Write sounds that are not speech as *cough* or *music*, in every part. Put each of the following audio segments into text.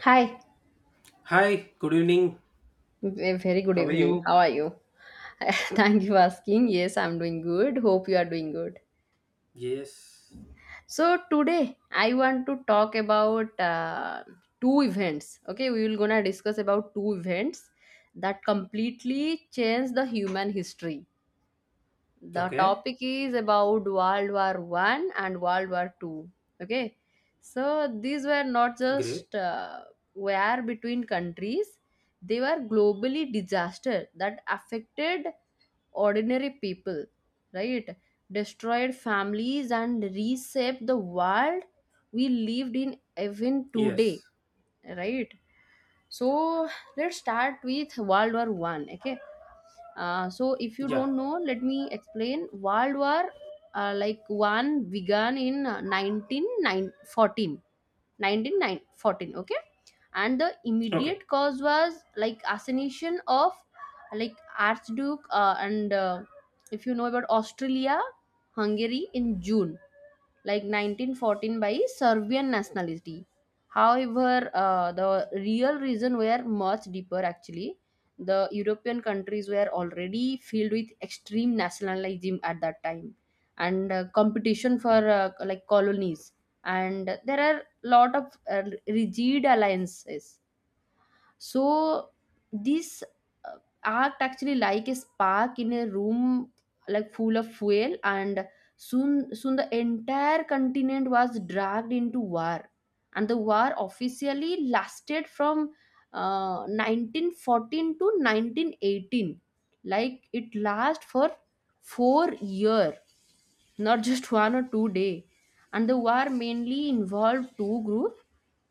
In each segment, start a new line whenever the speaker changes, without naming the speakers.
Hi,
Hi, good evening.
a very good
How are
evening.
you?
How are you? *laughs* Thank you for asking. Yes, I'm doing good. Hope you are doing good.
Yes.
So today I want to talk about two events. Okay, we will gonna discuss about two events that completely change the human history. The
Okay,
topic is about World War One and World War Two. Okay, so these were not
great.
just war between countries. They were globally disaster that affected ordinary people, right? Destroyed families and reshaped the world we lived in, even today,
Yes.
right? So let's start with World War One. Okay, so if you
Yeah.
don't know, let me explain world war like one began in 1914. Okay, and the
Okay.
immediate cause was like assassination of like archduke and if you know about Australia Hungary in June, like 1914, by Serbian nationality. However, the real reason were much deeper actually. The European countries were already filled with extreme nationalism at that time, and competition for like colonies, and there are lot of rigid alliances. So this uh, act actually like a spark in a room, like full of fuel. And soon the entire continent was dragged into war. And the war officially lasted from 1914 to 1918. Like it last for 4 year, not just *laughs* one or two day. And the war mainly involved two groups.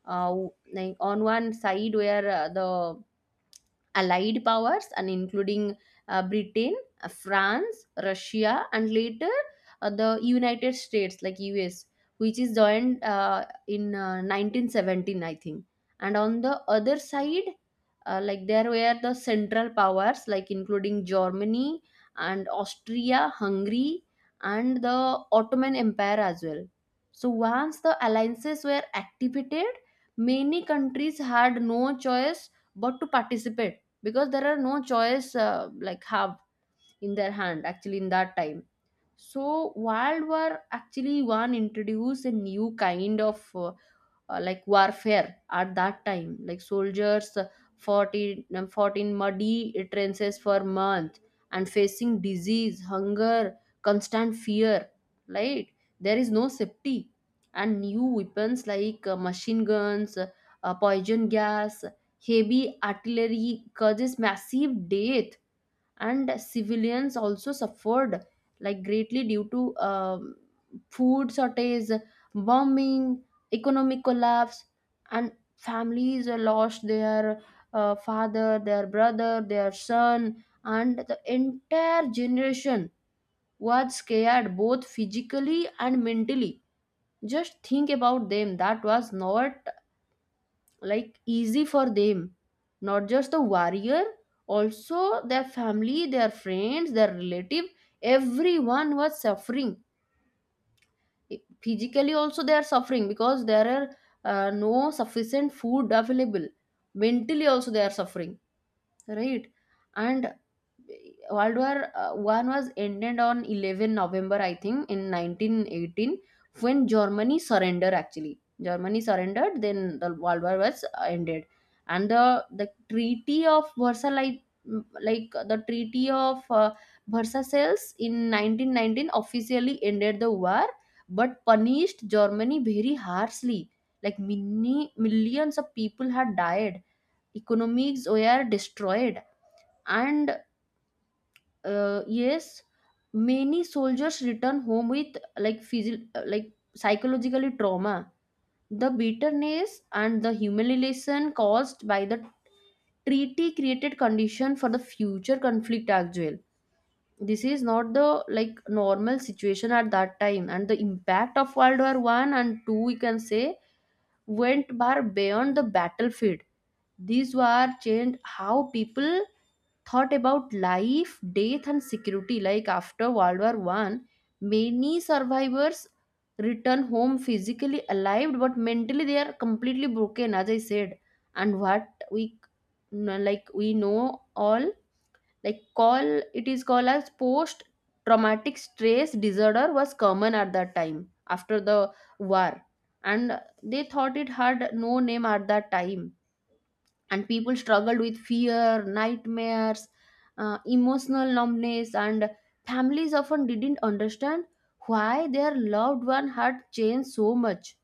Uh, like on one side were the allied powers and including Britain, France, Russia, and later the United States, like us, which is joined in 1917, I think. And on the other side, like there were the central powers, like including Germany and Austria Hungary and the Ottoman Empire as well. So once the alliances were activated, many countries had no choice but to participate, because there are no choice like have in their hand actually in that time. So World War actually one introduced a new kind of like warfare at that time. Like soldiers fought in muddy trenches for months, and facing disease, hunger, constant fear, right? There is no safety. And new weapons like machine guns, poison gas, heavy artillery causes massive death. And civilians also suffered like greatly due to food shortage, bombing, economic collapse. And families lost their father, their brother, their son, and the entire generation was scared both physically and mentally. Just think about them, that was not like easy for them. Not just the warrior, also their family, their friends, their relative, everyone was suffering. Physically also they are suffering because there are no sufficient food available. Mentally also they are suffering, right? And World War One was ended on 11 November, I think, in 1918, when Germany surrendered. Actually, Germany surrendered. Then the World War was ended, and the Treaty of Versailles, like, the Treaty of Versailles in 1919, officially ended the war, but punished Germany very harshly. Like many millions of people had died, economies were destroyed, and yes, many soldiers return home with like psychologically trauma. The bitterness and the humiliation caused by the treaty created condition for the future conflict as well. This is not the like normal situation at that time. And the impact of World War 1 and 2, we can say, went far beyond the battlefield. These wars changed how people thought about life, death, and security. Like after World War One, many survivors return home physically alive, but mentally they are completely broken, as I said. And what we like we know all, like call it is called as post traumatic stress disorder was common at that time after the war. And they thought it had no name at that time. And people struggled with fear, nightmares, emotional numbness, and families often didn't understand why their loved one had changed so much.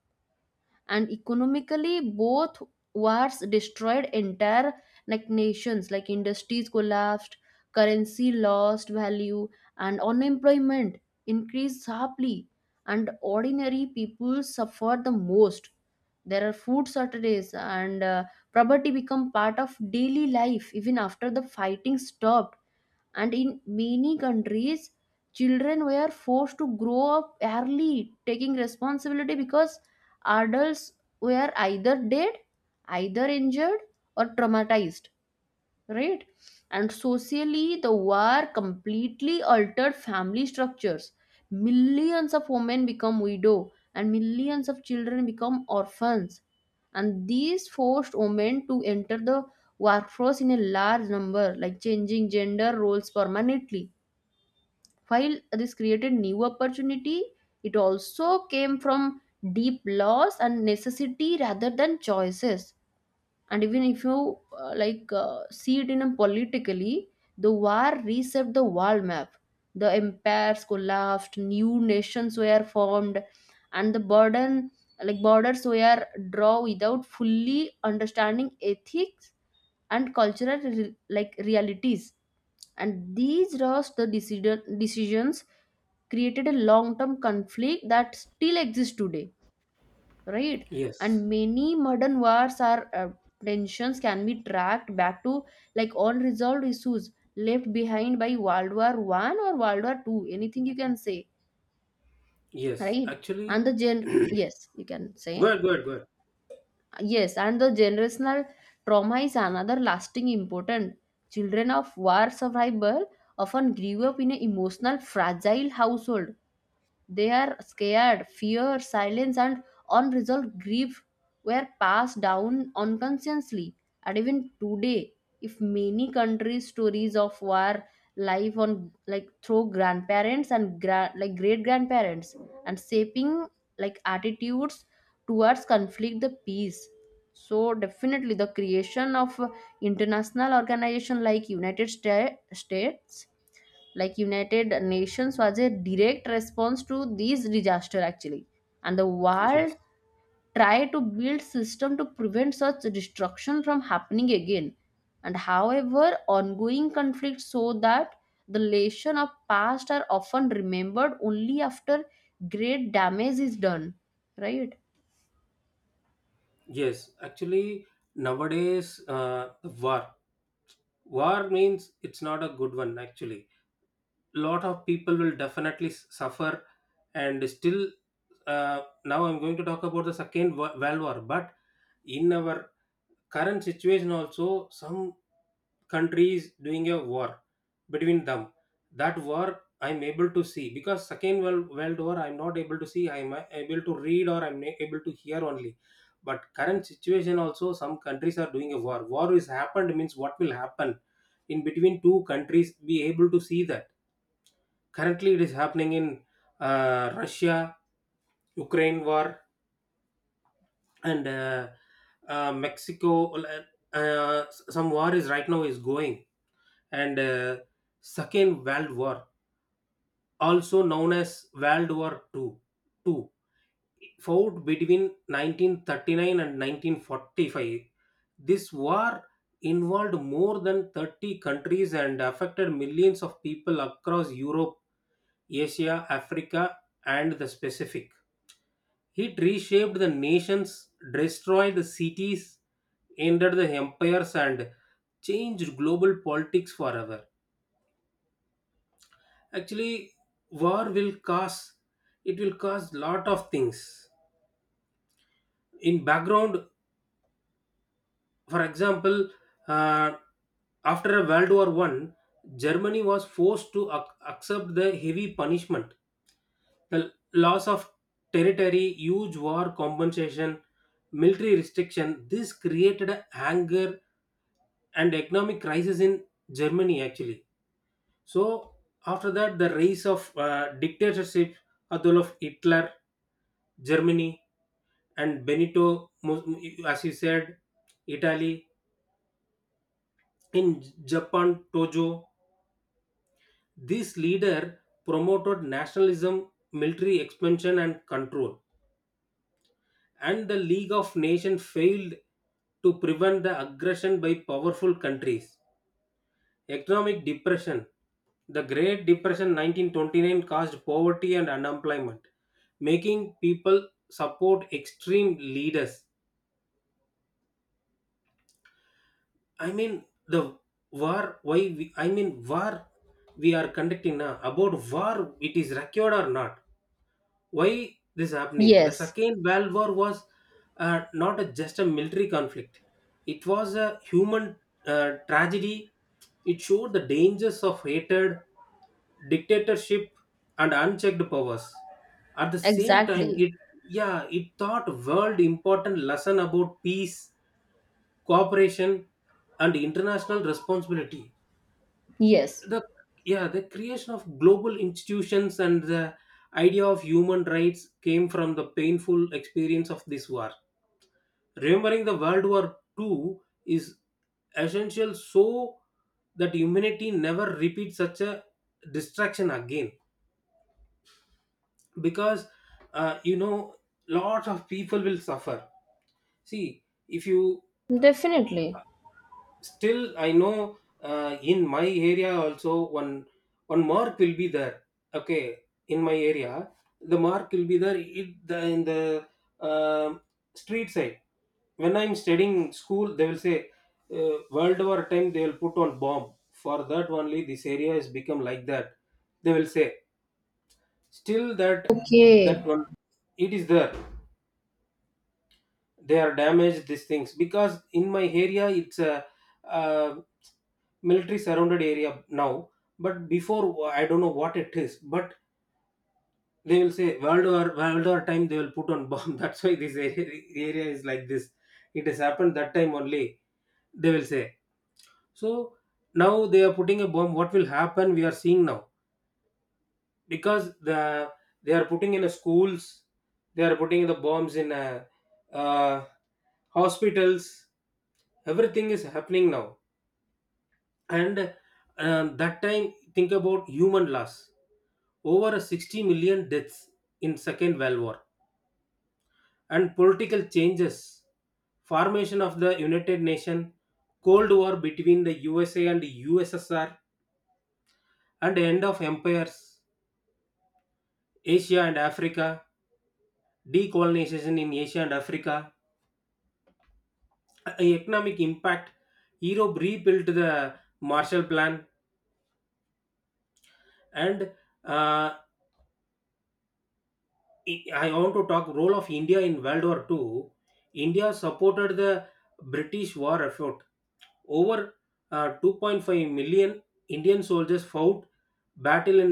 And economically, both wars destroyed entire like nations. Like industries collapsed, currency lost value, and unemployment increased sharply. And ordinary people suffered the most. There are food shortages, and poverty become part of daily life even after the fighting stopped. And in many countries, children were forced to grow up early, taking responsibility because adults were either dead, either injured, or traumatized, right? And socially, the war completely altered family structures. Millions of women become widow and millions of children become orphans. And these forced women to enter the workforce in a large number, like changing gender roles permanently. While this created new opportunity, it also came from deep loss and necessity rather than choices. And even if you like see it in a politically, the war reset the world map. The empires collapsed, new nations were formed, and the burden like borders were drawn without fully understanding ethics and cultural like realities. And these rushed decisions created a long-term conflict that still exists today, right?
Yes.
And many modern wars are tensions can be tracked back to like unresolved issues left behind by World War 1 or World War 2, anything you can say,
Yes.
right?
Actually,
And the gen yes, you can
go
say.
ahead, go ahead, go ahead.
Yes, and the generational trauma is another lasting important. Children of war survivor often grew up in an emotional fragile household. They are scared, fear, silence, and unresolved grief were passed down unconsciously. And even today, if many countries' stories of war life on like through grandparents and like great grandparents, and shaping like attitudes towards conflict the peace. So definitely the creation of international organization like United States, like United Nations was a direct response to these disaster actually. And the
Yes.
world tried to build system to prevent such destruction from happening again. And however, ongoing conflicts show that the lesson of past are often remembered only after great damage is done, right?
Yes. Actually, nowadays, war. War means it's not a good one, actually. Lot of people will definitely suffer, and still, now I'm going to talk about the second world war, but in our current situation also some countries doing a war between them. That war, I'm able to see, because Second World War I'm not able to see. I'm able to read, or I'm able to hear only. But current situation also some countries are doing a war. War is happened means what will happen in between two countries, be able to see that. Currently it is happening in Russia, Ukraine war, and Mexico. Like, Uh, some war is right now is going, and Second World War, also known as World War Two, two fought between 1939 and 1945. This war involved more than 30 countries and affected millions of people across Europe, Asia, Africa, and the Pacific. It reshaped the nations, destroyed the cities, ended the empires, and changed global politics forever. Actually, war will cause it will cause lot of things. In background, for example, uh, after World War One, Germany was forced to accept the heavy punishment, the loss of territory, huge war compensation, military restriction. This created anger and economic crisis in Germany actually. So after that, the rise of dictatorship, Adolf Hitler, Germany, and Benito, as you said, Italy, in Japan, Tojo. This leader promoted nationalism, military expansion, and control. And the League of Nations failed to prevent the aggression by powerful countries. Economic depression. The Great Depression 1929 caused poverty and unemployment, making people support extreme leaders. I mean the war, why we, I mean war we are conducting now, about war it is recorded or not, why this happening? The
Yes.
second world war was not just a military conflict. It was a human tragedy. It showed the dangers of hatred, dictatorship, and unchecked powers. At the same time,
Exactly.
it, yeah, it taught world important lesson about peace, cooperation, and international responsibility.
Yes.
The, yeah, the creation of global institutions and the idea of human rights came from the painful experience of this war. Remembering the world war Two is essential, so that humanity never repeats such a distraction again. Because uh, you know lots of people will suffer. See if you,
Definitely.
still I know, in my area also one one mark will be there. Okay, in my area the mark will be there in in the uh, street side. When I'm studying school, they will say, world war time they will put on bomb. For that only this area has become like that, they will say. Still that, that
Okay.
one, it is there. They are damaged these things because in my area it's a military surrounded area now. But before I don't know what it is, but they will say world war time they will put on bomb *laughs* that's why this area is like this. It has happened that time only, they will say. So now they are putting a bomb, what will happen we are seeing now. Because they are putting in a schools, they are putting the bombs in a, uh, hospitals. Everything is happening now. And that time, think about human loss. Over 60 million deaths in second world war. And political changes, formation of the United Nations, cold war between the USA and USSR, and end of empires. Asia and Africa, decolonization in Asia and Africa. Economic impact. Europe rebuilt the Marshall Plan. And uh, i I want to talk role of India in World War II. India supported the British war effort. Over 2.5 million Indian soldiers fought battle in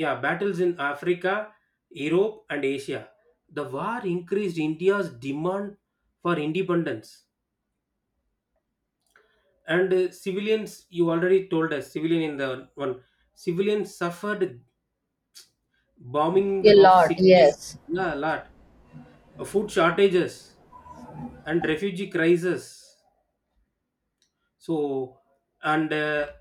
yeah, battles in Africa, Europe, and Asia. The war increased India's demand for independence. And civilians, you already told us, civilian in the one, civilians suffered bombing
A
of
lot,
cities,
yes.
yeah, a lot, food shortages, and refugee crisis. So, and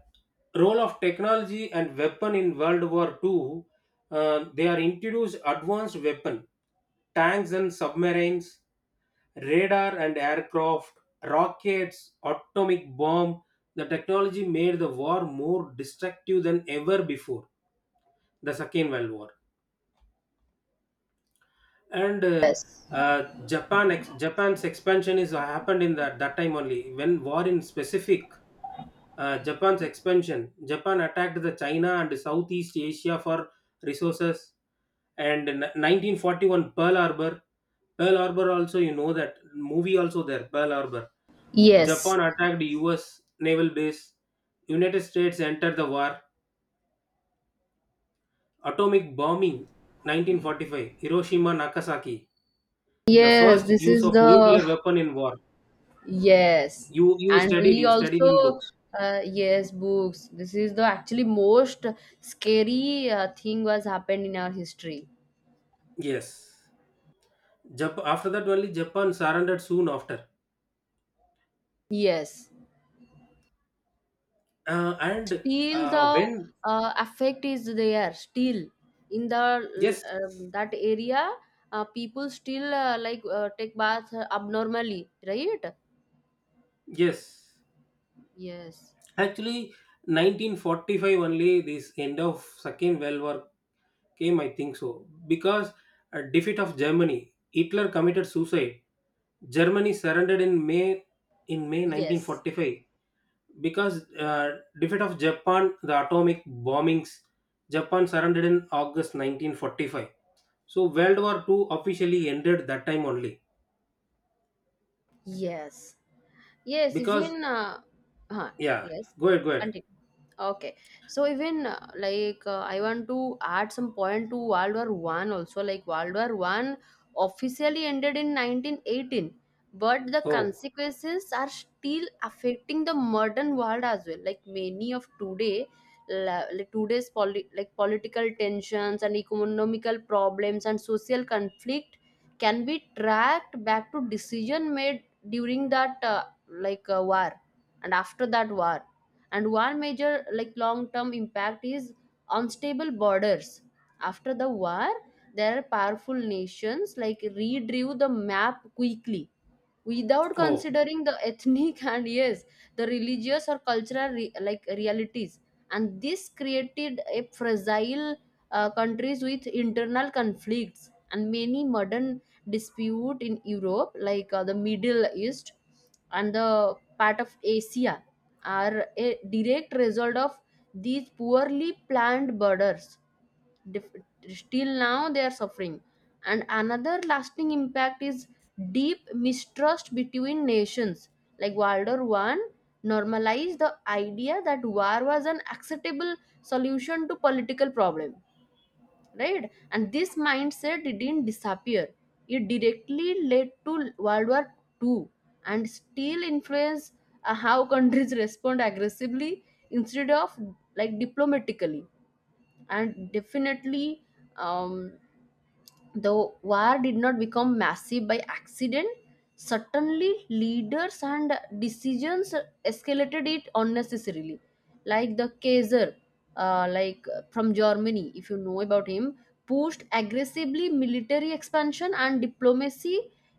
role of technology and weapon in World War Two, they are introduced advanced weapon, tanks and submarines, radar and aircraft, rockets, atomic bomb. The technology made the war more destructive than ever before the Second World War. And
Yes,
Japan's expansion is happened in that time only, when war in specific. Japan's expansion. Japan attacked the China and Southeast Asia for resources. And in 1941, Pearl Harbor. Pearl Harbor, also you know that movie also there. Pearl Harbor.
yes,
Japan attacked U.S. naval base. United States entered the war. Atomic bombing, 1945. Hiroshima, Nagasaki. The
yes.
first
this
use
is
of
the.
nuclear weapon in war.
Yes,
You
and
studied.
we
You studied
also
in books.
yes, books. This is the actually most scary thing was happened in our history.
Yes. After that only, Japan surrendered soon after.
Yes,
And
still the
when
effect is there. Still in the
yes
that area, people still like take bath abnormally, right?
yes,
Yes,
actually 1945 only this end of second world war came, I think so. Because a defeat of Germany, Hitler committed suicide. Germany surrendered in may, in May
yes,
1945. Because defeat of Japan, the atomic bombings. Japan surrendered in August 1945. So World War Two officially ended that time only.
yes. Yes,
Because,
even huh,
yeah,
yes,
go ahead, go ahead.
continue. Okay, so even like I want to add some point to World War One also. Like World War One officially ended in 1918, but the
Oh,
consequences are still affecting the modern world as well. Like many of today, like today's like political tensions and economical problems and social conflict can be tracked back to decision made during that like a war and after that war. And one major like long term impact is unstable borders. After the war, there are powerful nations like redrew the map quickly without
oh,
considering the ethnic *laughs* and yes, the religious or cultural like realities. And this created a fragile countries with internal conflicts, and many modern dispute in Europe, like the Middle East and the part of Asia, are a direct result of these poorly planned borders. Still now they are suffering. And another lasting impact is deep mistrust between nations. Like World War One normalized the idea that war was an acceptable solution to political problem, right? And this mindset didn't disappear. It directly led to World War Two, and still influence how countries *laughs* respond aggressively instead of like diplomatically. And definitely, um, the war did not become massive by accident. Certainly leaders and decisions escalated it unnecessarily, like the Kaiser like from Germany, if you know about him, pushed aggressively military expansion and diplomacy,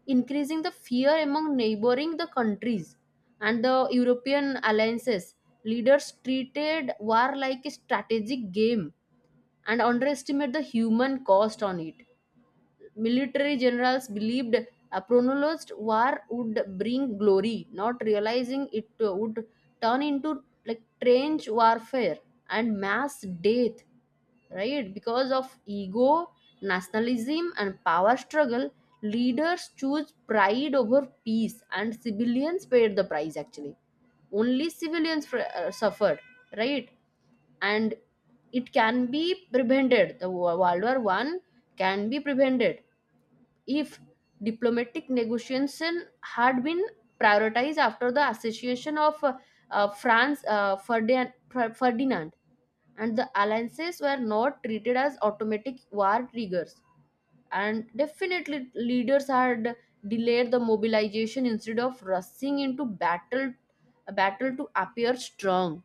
increasing the fear among neighboring the countries. And the European alliances leaders treated war like a strategic game and underestimate the human cost on it. Military generals believed a prolonged war would bring glory, not realizing it would turn into like trench warfare and mass death, right? Because of ego, nationalism, and power struggle, leaders choose pride over peace, and civilians paid the price actually. Only civilians suffered, right? And it can be prevented. The world war 1 can be prevented if diplomatic negotiation had been prioritized after the association of France, Ferdinand, and the alliances were not treated as automatic war triggers, and definitely leaders had delayed the mobilization instead of rushing into battle to appear strong.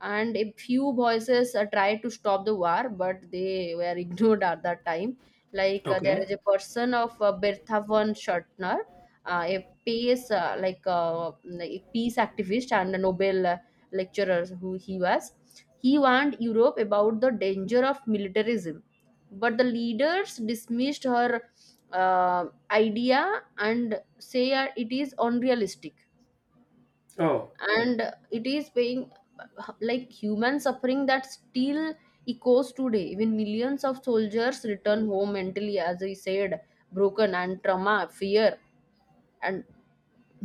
And a few voices tried to stop the war, but they were *laughs* ignored at that time. Like, there
okay.
is a person of Bertha von Schottner, a peace, like a peace activist and a Nobel lecturer who he was. He warned Europe about the danger of militarism, but the leaders dismissed her uh, idea and say it is unrealistic.
Oh,
And it is being like human suffering that still echoes today. Even millions of soldiers return home mentally, as we said, broken, and trauma, fear, and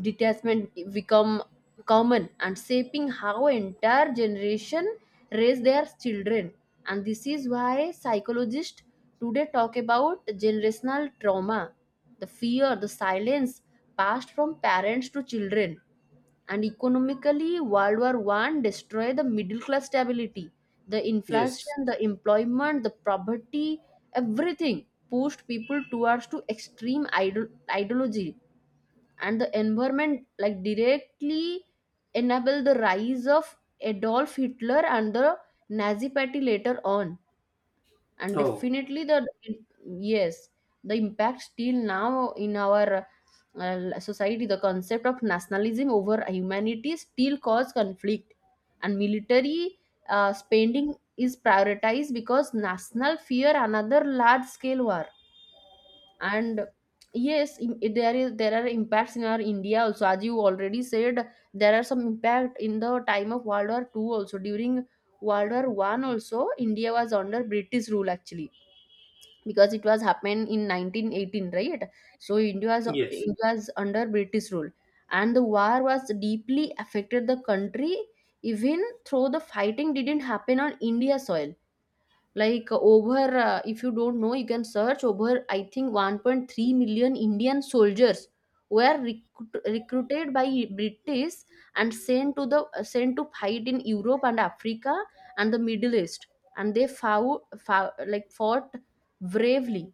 detachment become common and shaping how entire generation raise their children. And this is why psychologists today talk about generational trauma, the fear, the silence passed from parents to children. And economically, world war one destroyed the middle class stability, the
yes.
inflation, the employment, the poverty. Everything pushed people towards to extreme ideology, and the environment like directly enable the rise of Adolf Hitler and the Nazi party later on. And
Oh,
definitely the, yes, the impact still now in our society. The concept of nationalism over humanity still cause conflict, and military spending is prioritized because national fear another large scale war. And yes, there are impacts in our India also, as you already said. There are some impact in the time of world war Two also. During world war one also, India was under British rule actually, because it was happened in 1918, right? So
yes.
India was under British rule, and the war was deeply affected the country, even though the fighting didn't happen on India soil. Like, over, if you don't know, you can search, over, I think, 1.3 million Indian soldiers were recruited by British and sent to the, sent to fight in Europe and Africa and the Middle East, and they fought bravely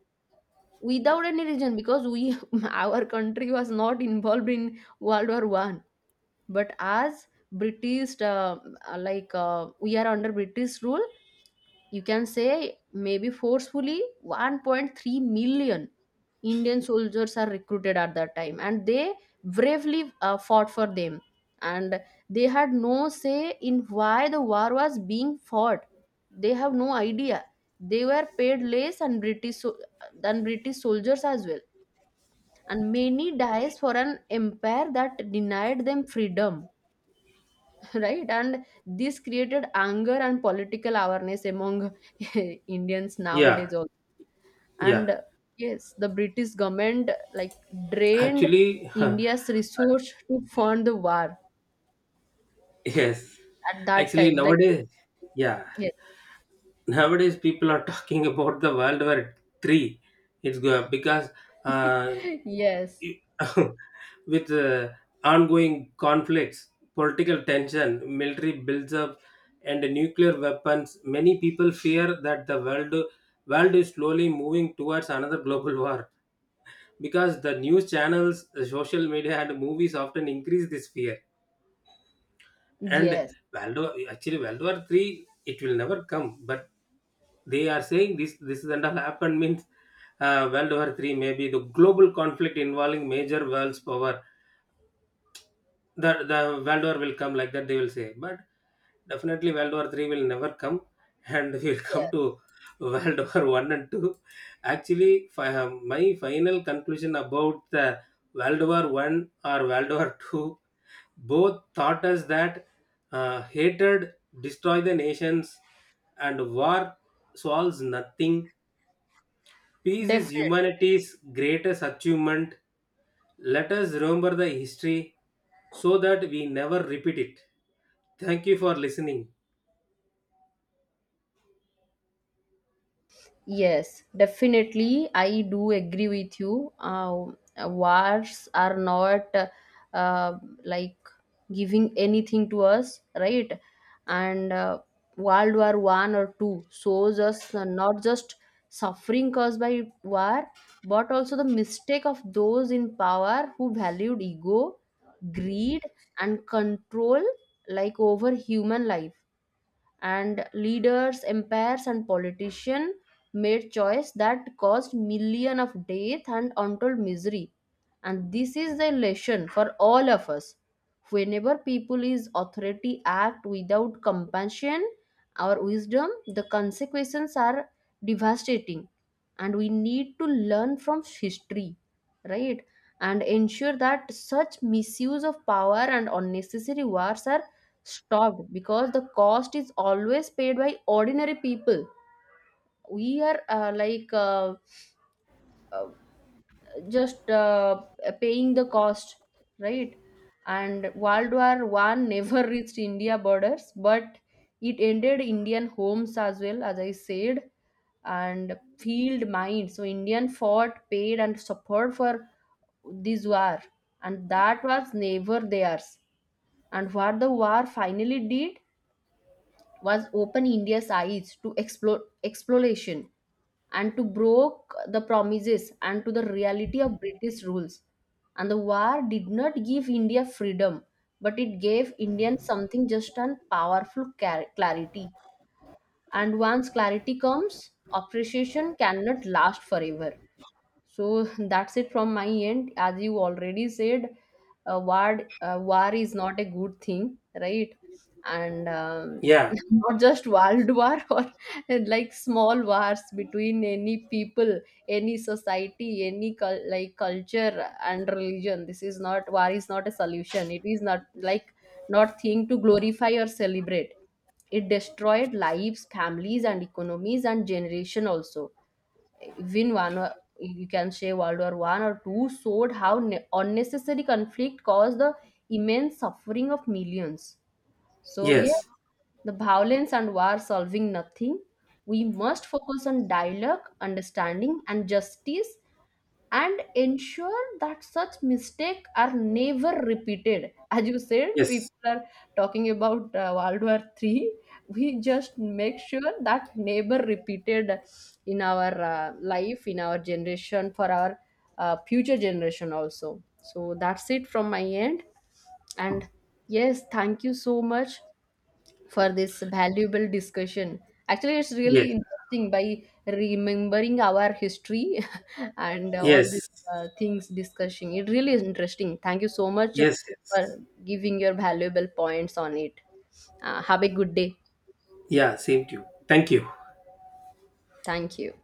without any reason, because we *laughs* our country was not involved in World War One. But as British, we are under British rule, you can say maybe forcefully 1.3 million Indian soldiers are recruited at that time, and they bravely fought for them. And they had no say in why the war was being fought. They have no idea. They were paid less than British soldiers as well, and many dies for an empire that denied them freedom, right? And this created anger and political awareness among *laughs* Indians
Yeah.
nowadays also.
Yeah.
And yes, the British government like drained
Actually,
India's resource to fund the war
*laughs* yes.
at that
Actually,
time. Like,
nowadays, yeah.
yes.
Nowadays, people are talking about the World War Three. It's because uh,
*laughs* Yes,
*laughs* with ongoing conflicts, political tension, military builds up, and nuclear weapons, many people fear that the world is slowly moving towards another global war. Because the news channels, the social media, and movies often increase this fear. And
yes,
Valdo, actually, World War Three, it will never come, but they are saying this is all happened means World War Three may be the global conflict involving major world's power. The world war will come like that, they will say. But definitely world war 3 will never come, and *laughs* we will come
yes,
to world war *laughs* 1 and 2. Actually, my final conclusion about the world war 1 or world war *laughs* 2, both taught us that hatred destroy the nations and war solves nothing. Peace is
definitely.
humanity's greatest achievement. Let us remember the history so that we never repeat it. Thank you for listening.
Yes, definitely, I do agree with you. Wars are not uh, like giving anything to us, right? And World War One or Two shows us, not just suffering caused by war, but also the mistake of those in power who valued ego, greed, and control, like, over human life. And leaders, empires, and politicians made choice that caused millions of death and untold misery. And this is the lesson for all of us: whenever people is authority act without compassion or wisdom, the consequences are devastating. And we need to learn from history, right? And ensure that such misuse of power and unnecessary wars are stopped, because the cost is always paid by ordinary people. We are, uh, just, paying the cost, right? And world war one never *laughs* reached India borders, but it ended Indian homes, as well, as I said, and field mines. So Indian fought, paid, and suffered for this war, and that was never theirs. And what the war finally did was open India's eyes to exploration and to broke the promises and to the reality of British rules. And the war did not give India freedom, but it gave Indians something just and powerful, clarity. And once clarity comes, appreciation cannot last forever. So that's it from my end. As you already said, war is not a good thing, right? And
Yeah.
*laughs* not just world war *laughs* or like small wars between any people, any society, any like culture and religion. This is not, war is not a solution. It is not like not thing to glorify or celebrate. It destroyed lives, families, and economies and generation also. Even you can say World War One or Two showed how unnecessary conflict caused the immense suffering of millions. So yes,
Yes.
the violence and war solving nothing. We must focus on dialogue, understanding, and justice, and ensure that such mistakes are never repeated. As you said,
Yes.
people are talking about World War Three. We just make sure that never repeated in our life, in our generation, for our future generation also. So that's it from my end. And yes, thank you so much for this valuable discussion. Actually, it's
Yes.
really interesting by remembering our history and all these
Yes.
things discussing. It really is interesting. Thank you so much
Yes. Yes.
for giving your valuable points on it. Have a good day.
Yeah. Same to you. Thank you.
Thank you.